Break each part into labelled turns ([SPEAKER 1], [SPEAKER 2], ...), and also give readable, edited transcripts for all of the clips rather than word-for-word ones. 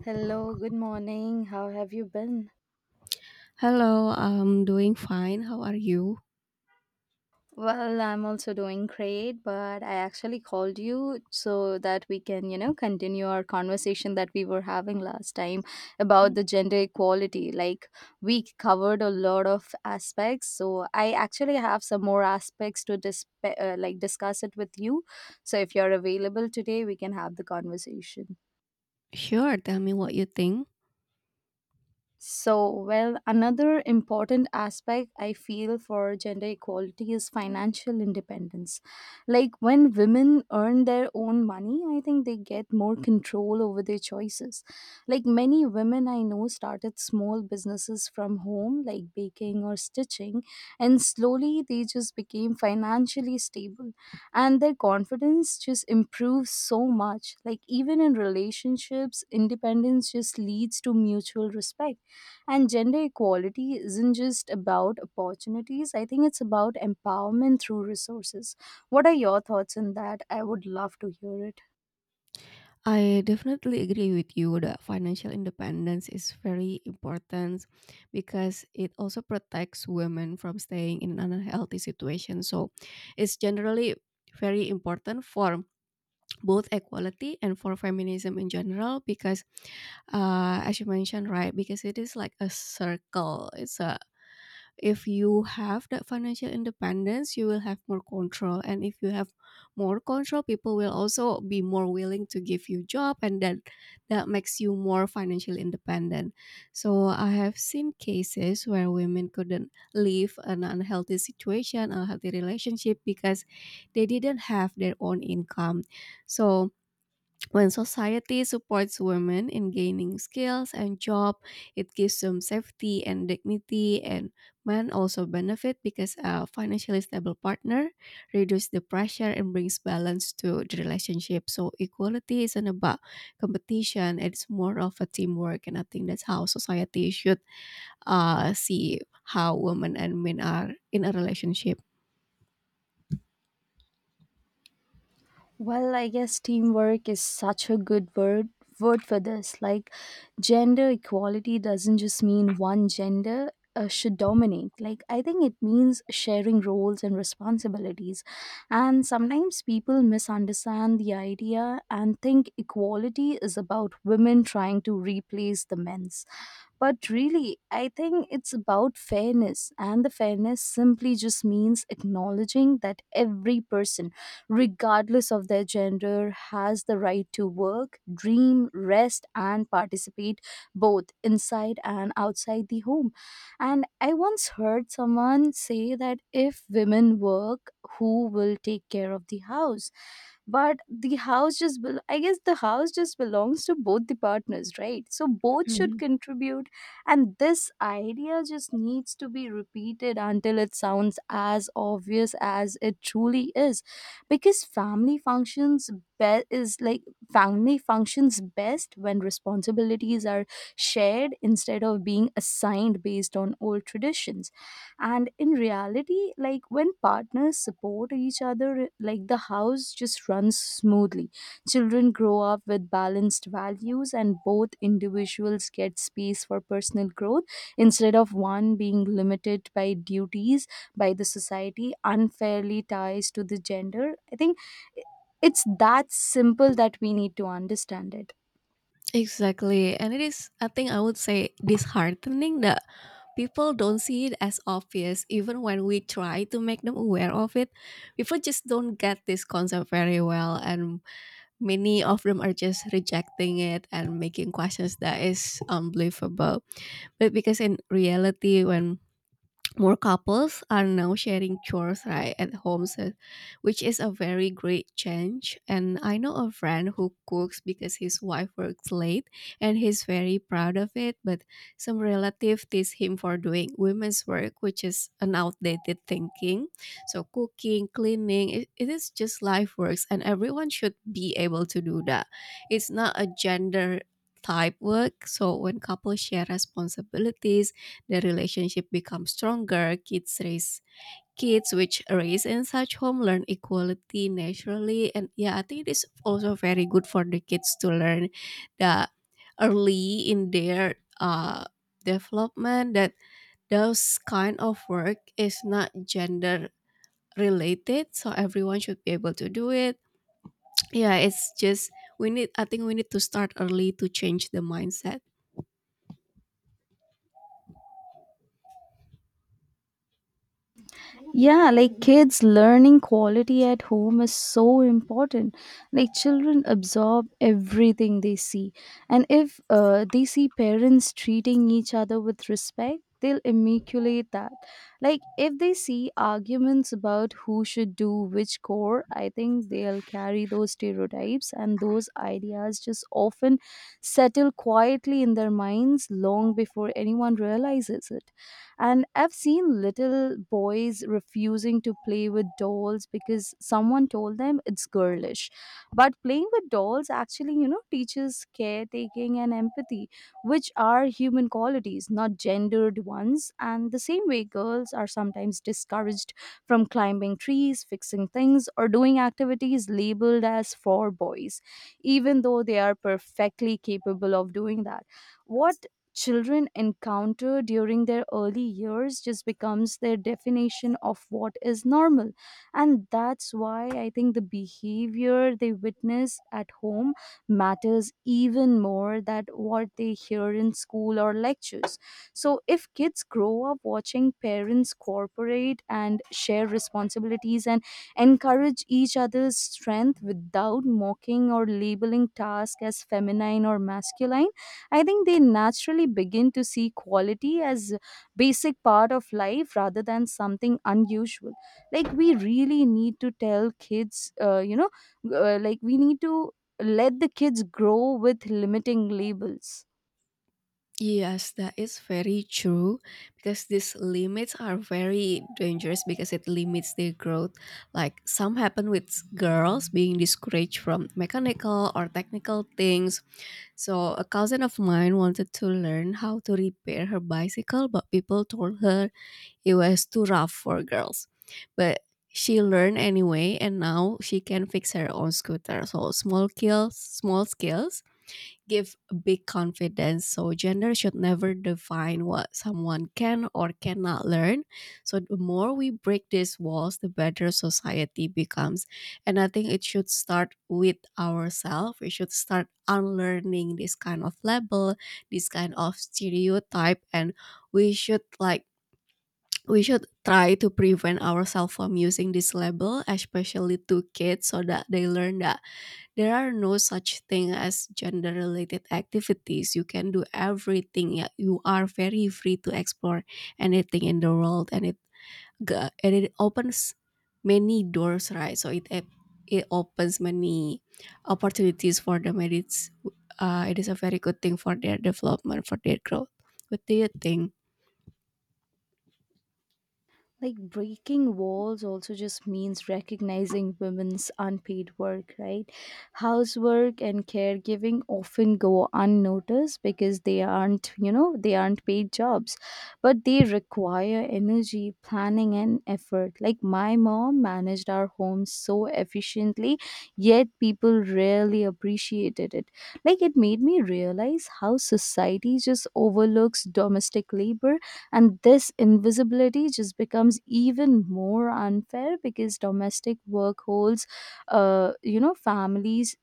[SPEAKER 1] Hello, good morning. How have you been?
[SPEAKER 2] Hello, I'm doing fine. How are you?
[SPEAKER 1] Well, I'm also doing great, but I actually called you so that we can, you know, continue our conversation that we were having last time about
[SPEAKER 2] Mm.
[SPEAKER 1] the gender equality. Like, we covered a lot of aspects, so I actually have some more aspects to discuss it with you. So if you're available today, we can have the conversation.
[SPEAKER 2] Sure, tell me what you think.
[SPEAKER 1] So, well, another important aspect I feel for gender equality is financial independence. Like when women earn their own money, I think they get more control over their choices. Like many women I know started small businesses from home, like baking or stitching, and slowly they just became financially stable. And their confidence just improves so much. Like even in relationships, independence just leads to mutual respect, and gender equality isn't just about opportunities. I think it's about empowerment through resources. What are your thoughts on that? I would love to hear it.
[SPEAKER 2] I definitely agree with you that financial independence is very important because it also protects women from staying in an unhealthy situation. So it's generally very important for both equality and for feminism in general because as you mentioned, right, because it is like a circle. It's a, if you have that financial independence you will have more control, and if you have more control people will also be more willing to give you job, and then that makes you more financially independent. So I have seen cases where women couldn't leave an unhealthy situation, unhealthy relationship, because they didn't have their own income. So when society supports women in gaining skills and job, it gives them safety and dignity, and men also benefit because a financially stable partner reduces the pressure and brings balance to the relationship. So equality isn't about competition; it's more of a teamwork, and I think that's how society should see how women and men are in a relationship.
[SPEAKER 1] Well, I guess teamwork is such a good word for this. Like gender equality doesn't just mean one gender should dominate. Like I think it means sharing roles and responsibilities. And sometimes people misunderstand the idea and think equality is about women trying to replace the men's. But really, I think it's about fairness, and the fairness simply just means acknowledging that every person, regardless of their gender, has the right to work, dream, rest, and participate both inside and outside the home. And I once heard someone say that if women work, who will take care of the house? But the house just, bel I guess the house just belongs to both the partners, right? So both should contribute. And this idea just needs to be repeated until it sounds as obvious as it truly is, because family functions be- is like family functions best when responsibilities are shared instead of being assigned based on old traditions. And in reality, like, when partners support each other, like, the house just runs smoothly, children grow up with balanced values, and both individuals get space for personal growth instead of one being limited by duties by the society unfairly ties to the gender. I think it's that simple, that we need to understand it.
[SPEAKER 2] Exactly. And it is, I think I would say, disheartening that people don't see it as obvious, even when we try to make them aware of it. People just don't get this concept very well. And many of them are just rejecting it and making questions that is unbelievable. But because in reality, when more couples are now sharing chores right at home, so, which is a very great change. And I know a friend who cooks because his wife works late, and he's very proud of it, but some relative tease him for doing women's work, which is an outdated thinking. So cooking, cleaning, it is just life works, and everyone should be able to do that. It's not a gender type work. So when couples share responsibilities, the relationship becomes stronger. Kids which raise in such home learn equality naturally, and yeah, I think it is also very good for the kids to learn that early in their uh development, that those kind of work is not gender related, so everyone should be able to do it. Yeah, it's just, we need I think we need to start early to change the mindset.
[SPEAKER 1] Yeah, like kids learning quality at home is so important. Like children absorb everything they see. And if they see parents treating each other with respect, they'll emulate that. Like if they see arguments about who should do which core, I think they'll carry those stereotypes, and those ideas just often settle quietly in their minds long before anyone realizes it. And I've seen little boys refusing to play with dolls because someone told them it's girlish. But playing with dolls actually, you know, teaches caretaking and empathy, which are human qualities, not gendered ones. And the same way, girls are sometimes discouraged from climbing trees, fixing things, or doing activities labeled as for boys, even though they are perfectly capable of doing that. What children encounter during their early years just becomes their definition of what is normal, and that's why I think the behavior they witness at home matters even more than what they hear in school or lectures. So if kids grow up watching parents cooperate and share responsibilities, and encourage each other's strength without mocking or labeling tasks as feminine or masculine, I think they naturally begin to see quality as basic part of life rather than something unusual. Like we really need to tell kids, we need to let the kids grow with limiting labels.
[SPEAKER 2] Yes, that is very true, because these limits are very dangerous because it limits their growth. Like some happen with girls being discouraged from mechanical or technical things. So a cousin of mine wanted to learn how to repair her bicycle, but people told her it was too rough for girls. But she learned anyway and now she can fix her own scooter. So small skills give big confidence. So gender should never define what someone can or cannot learn. So the more we break these walls, the better society becomes. And I think it should start with ourselves. We should start unlearning this kind of label, this kind of stereotype, and we should like we should try to prevent ourselves from using this label, especially to kids, so that they learn that there are no such thing as gender related activities. You can do everything. Yeah, you are very free to explore anything in the world, and it opens many doors, right? So it opens many opportunities for them, and it's it is a very good thing for their development, for their growth. What do you think?
[SPEAKER 1] Like breaking walls also just means recognizing women's unpaid work, right? Housework and caregiving often go unnoticed because they aren't, you know, they aren't paid jobs, but they require energy, planning and effort. Like my mom managed our home so efficiently, yet people rarely appreciated it. Like it made me realize how society just overlooks domestic labor, and this invisibility just becomes even more unfair because domestic work holds you know, families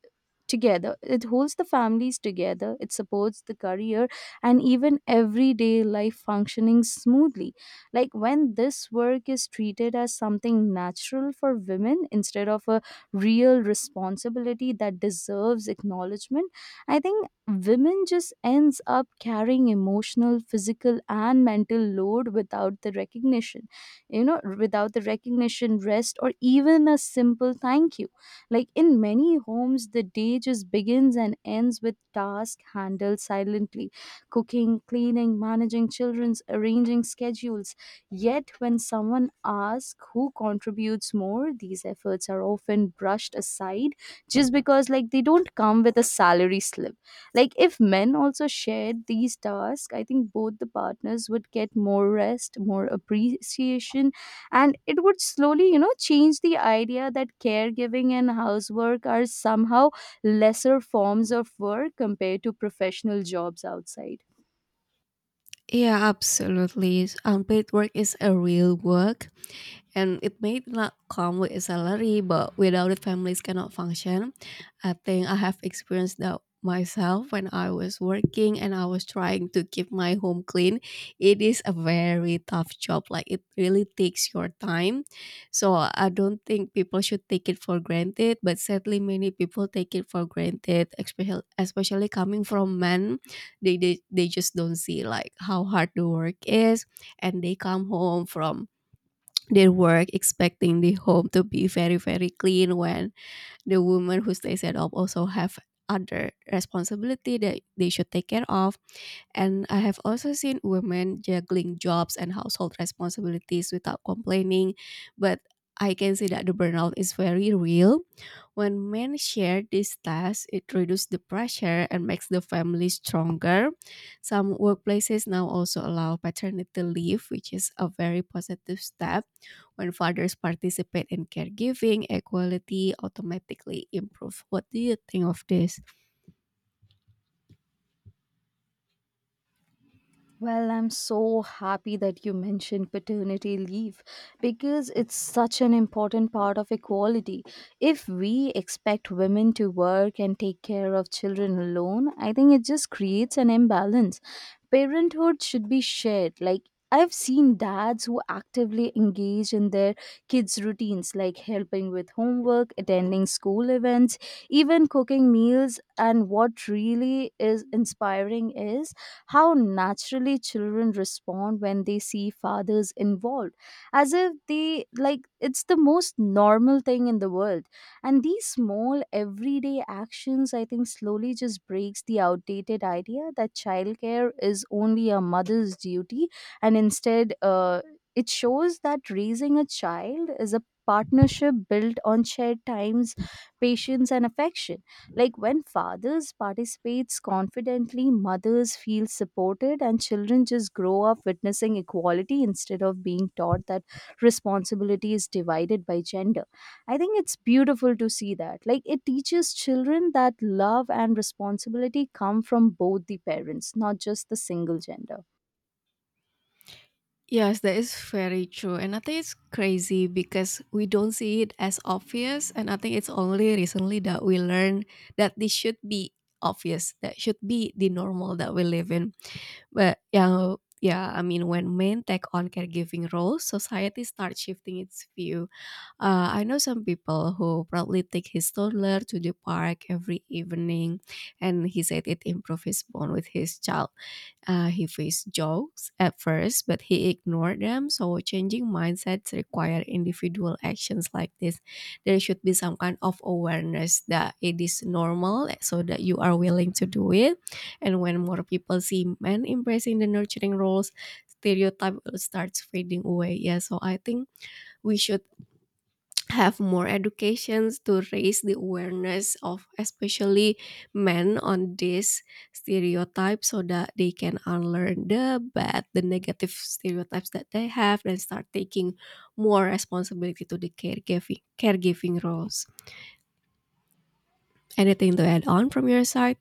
[SPEAKER 1] together. It holds the families together, it supports the career and even everyday life functioning smoothly. Like when this work is treated as something natural for women instead of a real responsibility that deserves acknowledgement, I think women just ends up carrying emotional, physical and mental load without the recognition. You know, without the recognition, rest or even a simple thank you, like in many homes, the day just begins and ends with tasks handled silently: cooking, cleaning, managing children's, arranging schedules. Yet, when someone asks who contributes more, these efforts are often brushed aside just because, like, they don't come with a salary slip. Like, if men also shared these tasks, I think both the partners would get more rest, more appreciation, and it would slowly, you know, change the idea that caregiving and housework are somehow lesser forms of work compared to professional jobs outside.
[SPEAKER 2] Yeah, absolutely. Paid work is a real work, and it may not come with a salary, but without it families cannot function. I think I have experienced that myself when I was working and I was trying to keep my home clean. It is a very tough job, like it really takes your time. So I don't think people should take it for granted, but sadly many people take it for granted, especially coming from men. They just don't see like how hard the work is, and they come home from their work expecting the home to be very very clean when the woman who stays at home also have other responsibility that they should take care of. And I have also seen women juggling jobs and household responsibilities without complaining, but I can see that the burnout is very real. When men share these tasks, it reduces the pressure and makes the family stronger. Some workplaces now also allow paternity leave, which is a very positive step. When fathers participate in caregiving, equality automatically improves. What do you think of this?
[SPEAKER 1] Well, I'm so happy that you mentioned paternity leave because it's such an important part of equality. If we expect women to work and take care of children alone, I think it just creates an imbalance. Parenthood should be shared. Like I've seen dads who actively engage in their kids' routines, like helping with homework, attending school events, even cooking meals. And what really is inspiring is how naturally children respond when they see fathers involved, as if they like it's the most normal thing in the world. And these small everyday actions, I think, slowly just breaks the outdated idea that childcare is only a mother's duty, and instead it shows that raising a child is a partnership built on shared times, patience and affection. Like when fathers participates confidently, mothers feel supported, and children just grow up witnessing equality instead of being taught that responsibility is divided by gender. I think it's beautiful to see that. Like it teaches children that love and responsibility come from both the parents, not just the single gender.
[SPEAKER 2] Yes, that is very true. And I think it's crazy because we don't see it as obvious. And I think it's only recently that we learn that this should be obvious, that should be the normal that we live in. But yeah, yeah, I mean, when men take on caregiving roles, society starts shifting its view. I know some people who proudly take his toddler to the park every evening, and he said it improves his bond with his child. He faced jokes at first, but he ignored them. So, changing mindsets require individual actions like this. There should be some kind of awareness that it is normal, so that you are willing to do it. And when more people see men embracing the nurturing roles, stereotype will starts fading away. Yeah, so I think we should have more educations to raise the awareness of especially men on this stereotype, so that they can unlearn the negative stereotypes that they have and start taking more responsibility to the caregiving roles. Anything to add on from your side?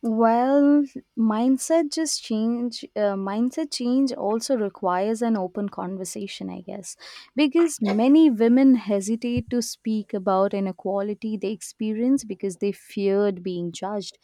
[SPEAKER 1] Well, mindset just change. Mindset change also requires an open conversation, I guess, because many women hesitate to speak about inequality they experience because they feared being judged.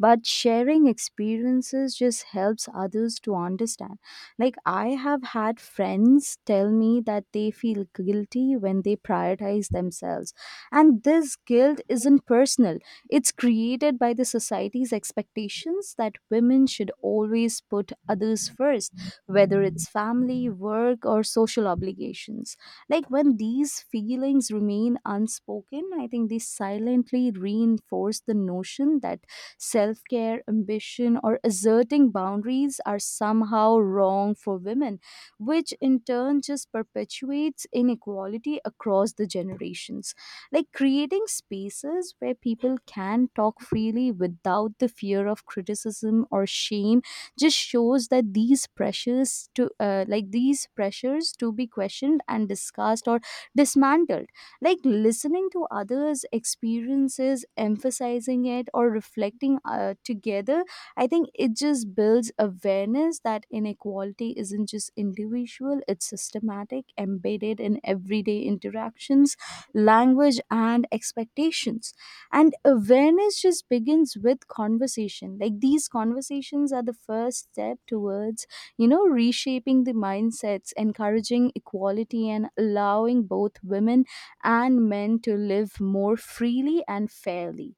[SPEAKER 1] But sharing experiences just helps others to understand. Like, I have had friends tell me that they feel guilty when they prioritize themselves, and this guilt isn't personal, it's created by the society's expectations that women should always put others first, whether it's family, work, or social obligations. Like when these feelings remain unspoken, I think they silently reinforce the notion that self care, ambition, or asserting boundaries are somehow wrong for women, which in turn just perpetuates inequality across the generations. Like creating spaces where people can talk freely without the fear of criticism or shame just shows that these pressures to these pressures to be questioned and discussed or dismantled. Like listening to others experiences, emphasizing it or reflecting together, I think it just builds awareness that inequality isn't just individual, it's systematic, embedded in everyday interactions, language and expectations. And awareness just begins with conversation. Like these conversations are the first step towards, you know, reshaping the mindsets, encouraging equality, and allowing both women and men to live more freely and fairly.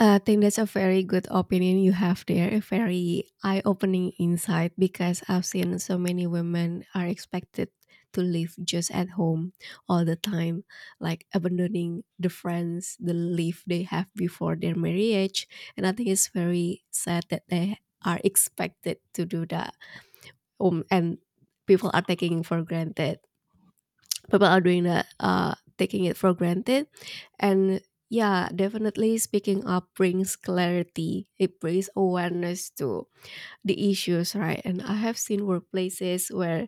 [SPEAKER 2] I think that's a very good opinion you have there, a very eye-opening insight, because I've seen so many women are expected to live just at home all the time, like abandoning the friends, the life they have before their marriage. And I think it's very sad that they are expected to do that. And people are taking for granted people are doing that, taking it for granted. And yeah, definitely speaking up brings clarity, it brings awareness to the issues, right? And I have seen workplaces where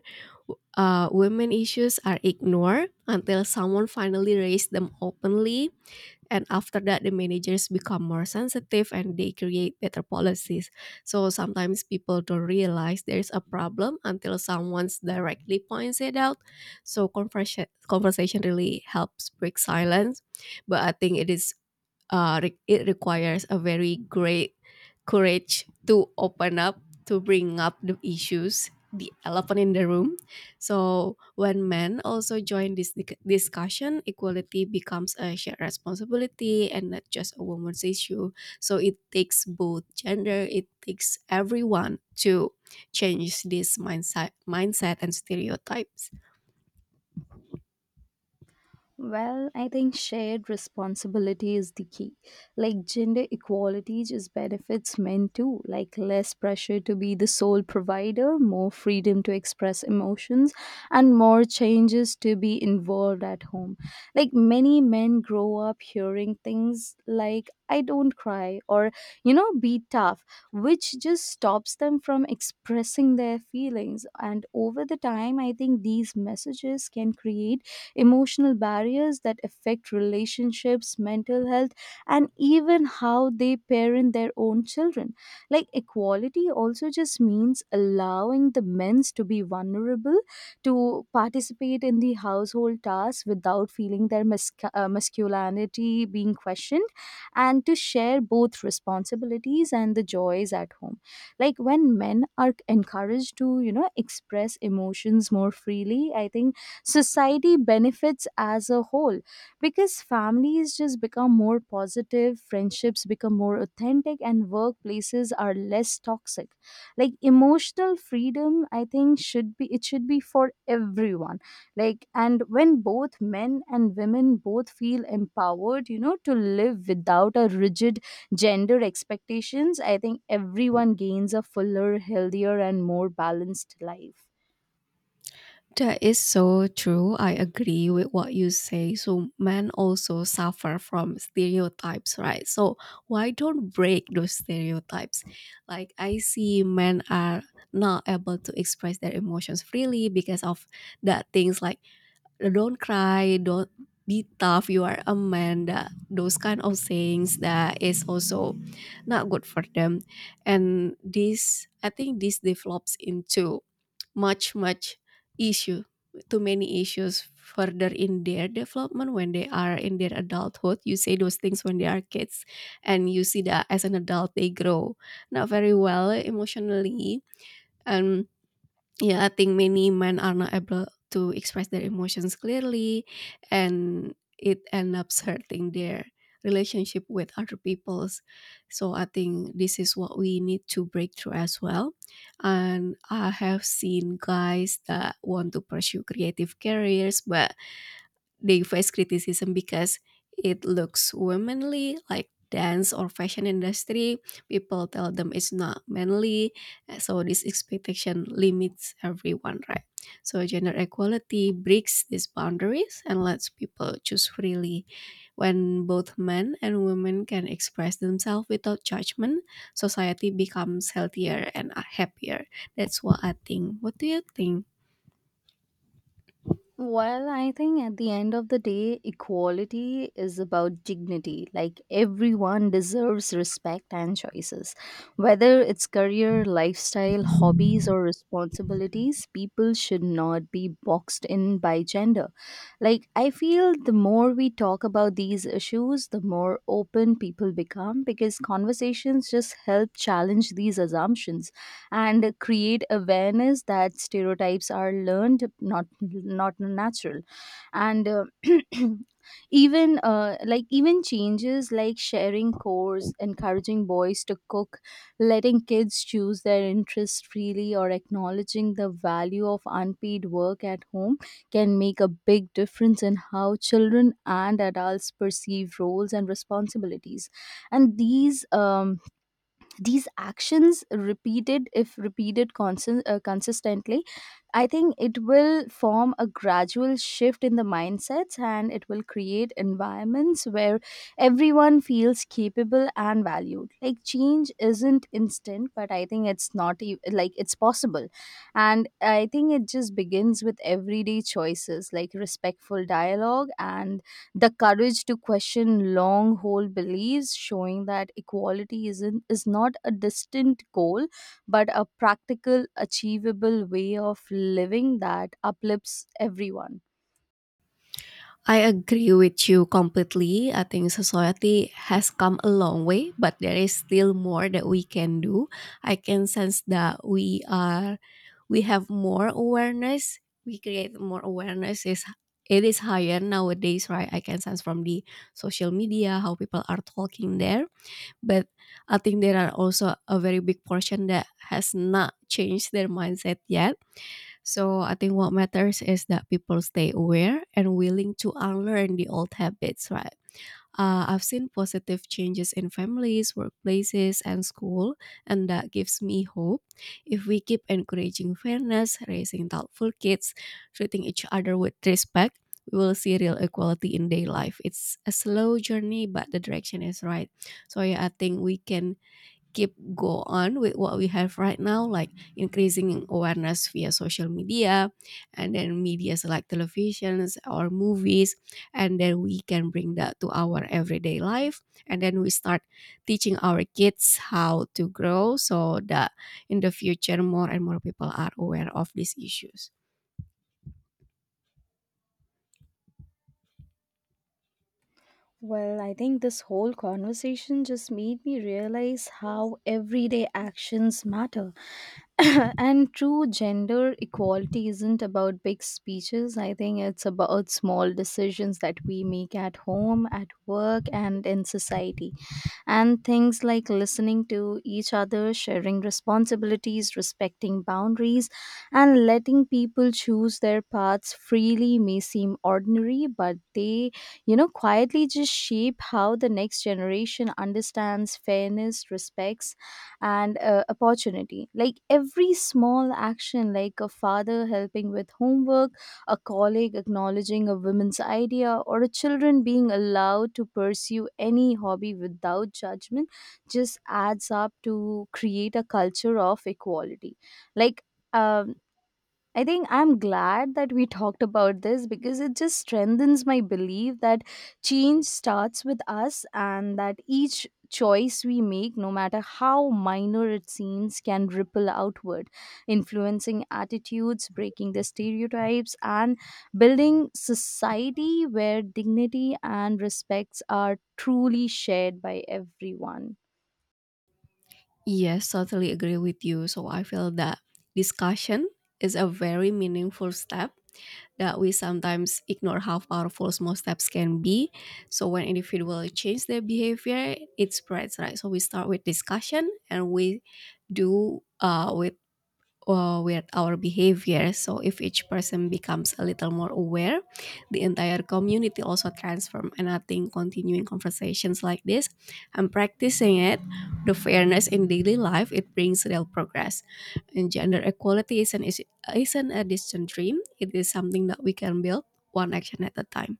[SPEAKER 2] women issues are ignored until someone finally raised them openly, and after that the managers become more sensitive and they create better policies. So sometimes people don't realize there's a problem until someone's directly points it out. So conversation really helps break silence. But I think it is, it requires a very great courage to open up, to bring up the issues, the elephant in the room. So when men also join this discussion, equality becomes a shared responsibility and not just a woman's issue. So it takes both gender, it takes everyone to change this mindset and stereotypes.
[SPEAKER 1] Well, I think shared responsibility is the key. Like gender equality just benefits men too, like less pressure to be the sole provider, more freedom to express emotions, and more changes to be involved at home. Like many men grow up hearing things like, "I don't cry," or, you know, "be tough," which just stops them from expressing their feelings. And over the time, I think these messages can create emotional barriers that affect relationships, mental health, and even how they parent their own children. Like equality also just means allowing the men to be vulnerable, to participate in the household tasks without feeling their masculinity being questioned, and to share both responsibilities and the joys at home. Like when men are encouraged to, you know, express emotions more freely, I think society benefits as a whole because families just become more positive, friendships become more authentic, and workplaces are less toxic. Like emotional freedom, I think should be for everyone. Like and when both men and women both feel empowered, you know, to live without a rigid gender expectations, I think everyone gains a fuller, healthier, and more balanced life.
[SPEAKER 2] That is so true. I agree with what you say. So men also suffer from stereotypes, right? So why don't break those stereotypes? Like I see men are not able to express their emotions freely because of that things like, don't cry, don't be tough, you are a man, that those kind of sayings, that is also not good for them. And this I think this develops into much issue, too many issues further in their development. When they are in their adulthood, you say those things when they are kids, and you see that as an adult they grow not very well emotionally. And yeah, I think many men are not able to express their emotions clearly, and it ends up hurting their relationship with other people's. So I think this is what we need to break through as well. And I have seen guys that want to pursue creative careers, but they face criticism because it looks womanly, like dance or fashion industry. People tell them it's not manly. So this expectation limits everyone, right? So gender equality breaks these boundaries and lets people choose freely. When both men and women can express themselves without judgment, society becomes healthier and happier. That's what I think. What do you think?
[SPEAKER 1] Well, I think at the end of the day, equality is about dignity. Like everyone deserves respect and choices. Whether it's career, lifestyle, hobbies, or responsibilities, people should not be boxed in by gender. Like, I feel the more we talk about these issues, the more open people become because conversations just help challenge these assumptions and create awareness that stereotypes are learned, not natural. And Even changes like sharing chores, encouraging boys to cook, letting kids choose their interest freely, or acknowledging the value of unpaid work at home can make a big difference in how children and adults perceive roles and responsibilities. And these actions repeated if repeated constant, consistently, I think it will form a gradual shift in the mindsets, and it will create environments where everyone feels capable and valued. Like, change isn't instant, but I think it's not e- like it's possible, and I think it just begins with everyday choices like respectful dialogue and the courage to question long hold beliefs, showing that equality isn't is not a distant goal but a practical, achievable way of living that uplifts everyone.
[SPEAKER 2] I agree with you completely. I think society has come a long way, but there is still more that we can do. I can sense that we have more awareness. We create more awareness is It is higher nowadays, right? I can sense from the social media how people are talking there. But I think there are also a very big portion that has not changed their mindset yet. So I think what matters is that people stay aware and willing to unlearn the old habits, right? I've seen positive changes in families, workplaces, and school, and that gives me hope. If we keep encouraging fairness, raising thoughtful kids, treating each other with respect, we will see real equality in day life. It's a slow journey, but the direction is right. So yeah, I think we can keep go on with what we have right now, like increasing awareness via social media, and then medias like televisions or movies, and then we can bring that to our everyday life, and then we start teaching our kids how to grow, so that in the future more and more people are aware of these issues.
[SPEAKER 1] Well, I think this whole conversation just made me realize how everyday actions matter. And true gender equality isn't about big speeches. I think it's about small decisions that we make at home, at work, and in society. And things like listening to each other, sharing responsibilities, respecting boundaries, and letting people choose their paths freely may seem ordinary, but they quietly just shape how the next generation understands fairness, respects, and opportunity. Like every small action, like a father helping with homework, a colleague acknowledging a woman's idea, or a children being allowed to pursue any hobby without judgment, just adds up to create a culture of equality. Like um, I think I'm glad that we talked about this, because it just strengthens my belief that change starts with us, and that each choice we make, no matter how minor it seems, can ripple outward, influencing attitudes, breaking the stereotypes, and building society where dignity and respects are truly shared by everyone.
[SPEAKER 2] Yes, totally agree with you. So I feel that discussion is a very meaningful step, that we sometimes ignore how powerful small steps can be. So when individuals change their behavior, it spreads, right? So we start with discussion and we do, with our behavior. So if each person becomes a little more aware, the entire community also transform. And I think continuing conversations like this and practicing it, the fairness in daily life, it brings real progress. And gender equality isn't a distant dream. It is something that we can build one action at a time.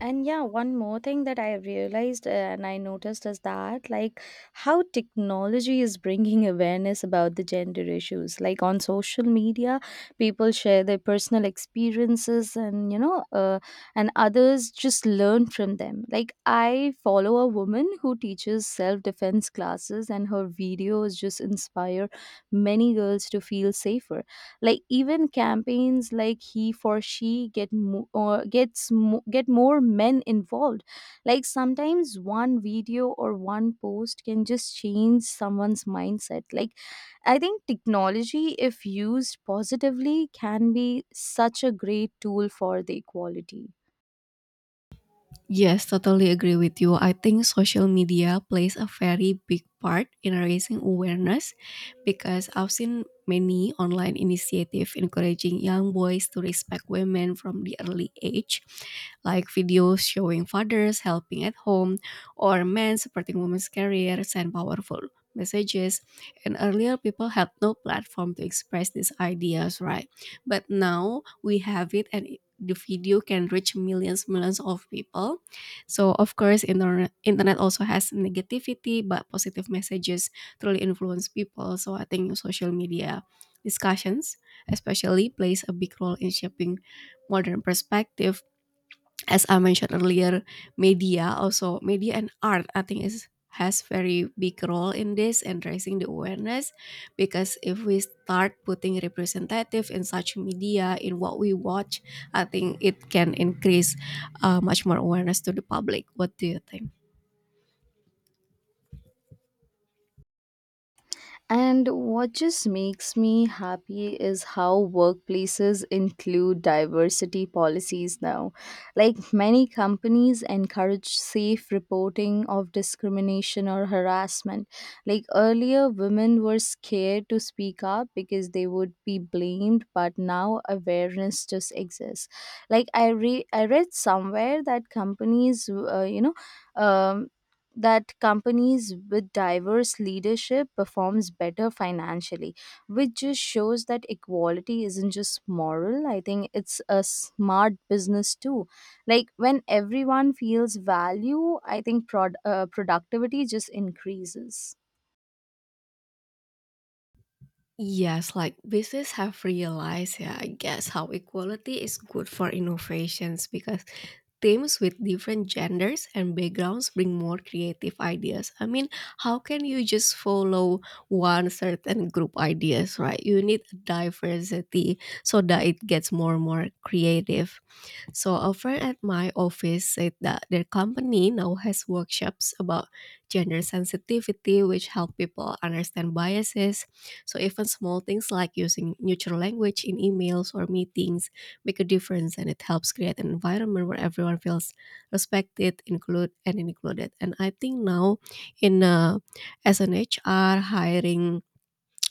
[SPEAKER 1] And yeah, one more thing that I realized and I noticed is that, like, how technology is bringing awareness about the gender issues. Like, on social media, people share their personal experiences and, and others just learn from them. Like, I follow a woman who teaches self defense classes, and her videos just inspire many girls to feel safer. Like, even campaigns like he for she get mo- or gets mo- get more men involved. Like, sometimes one video or one post can just change someone's mindset. Like, I think technology, if used positively, can be such a great tool for the equality.
[SPEAKER 2] Yes, totally agree with you. I think social media plays a very big part in raising awareness, because I've seen many online initiatives encouraging young boys to respect women from the early age, like videos showing fathers helping at home or men supporting women's careers and powerful messages. And earlier, people had no platform to express these ideas, right? But now we have it, and the video can reach millions of people. So of course, internet also has negativity, but positive messages truly influence people. So I think social media discussions especially plays a big role in shaping modern perspective. As I mentioned earlier, media, also media and art, I think is has very big role in this and raising the awareness, because if we start putting representative in such media, in what we watch, I think it can increase much more awareness to the public. What do you think?
[SPEAKER 1] And what just makes me happy is how workplaces include diversity policies now. Like, many companies encourage safe reporting of discrimination or harassment. Like, earlier, women were scared to speak up because they would be blamed, but now awareness just exists. Like, I read somewhere that um, companies with diverse leadership performs better financially, which just shows that equality isn't just moral. I think it's a smart business too. Like, when everyone feels value, I think productivity just increases.
[SPEAKER 2] Yes, like business have realized, yeah, I guess how equality is good for innovations, because teams with different genders and backgrounds bring more creative ideas. I mean, how can you just follow one certain group ideas, right? You need diversity so that it gets more and more creative. So a friend at my office said that their company now has workshops about gender sensitivity, which help people understand biases. So even small things like using neutral language in emails or meetings make a difference, and it helps create an environment where everyone feels respected, included. And I think now in as an HR hiring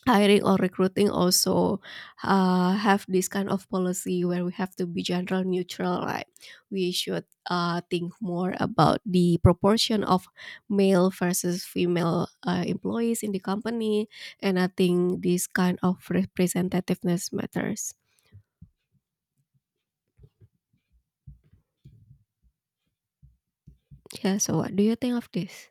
[SPEAKER 2] hiring or recruiting also have this kind of policy where we have to be gender neutral, right? We should think more about the proportion of male versus female employees in the company, and I think this kind of representativeness matters. Yeah, so what do you think of this?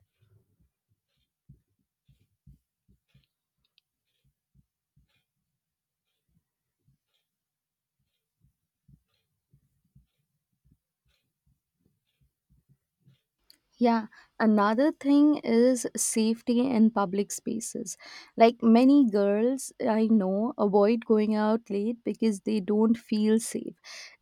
[SPEAKER 1] Yeah, another thing is safety in public spaces. Like, many girls I know avoid going out late because they don't feel safe.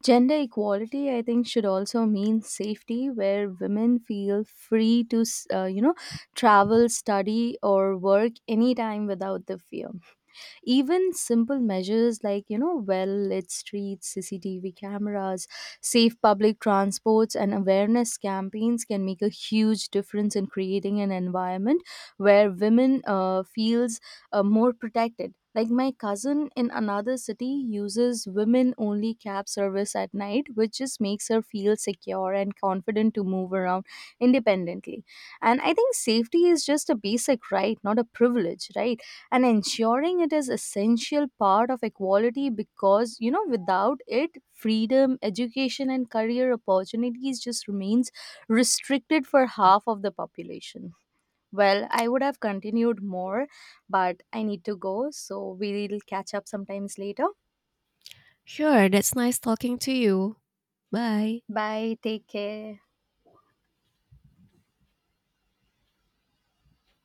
[SPEAKER 1] Gender equality, I think, should also mean safety where women feel free to, travel, study, or work anytime without the fear. Even simple measures like, you know, well lit streets, CCTV cameras, safe public transports, and awareness campaigns can make a huge difference in creating an environment where women feels more protected. Like, my cousin in another city uses women only cab service at night, which just makes her feel secure and confident to move around independently. And I think safety is just a basic right, not a privilege, right? And ensuring it is essential part of equality, because you know, without it, freedom, education, and career opportunities just remains restricted for half of the population. Well, I would have continued more, but I need to go, so we'll catch up sometimes later.
[SPEAKER 2] Sure, that's nice talking to you. Bye.
[SPEAKER 1] Bye, take care.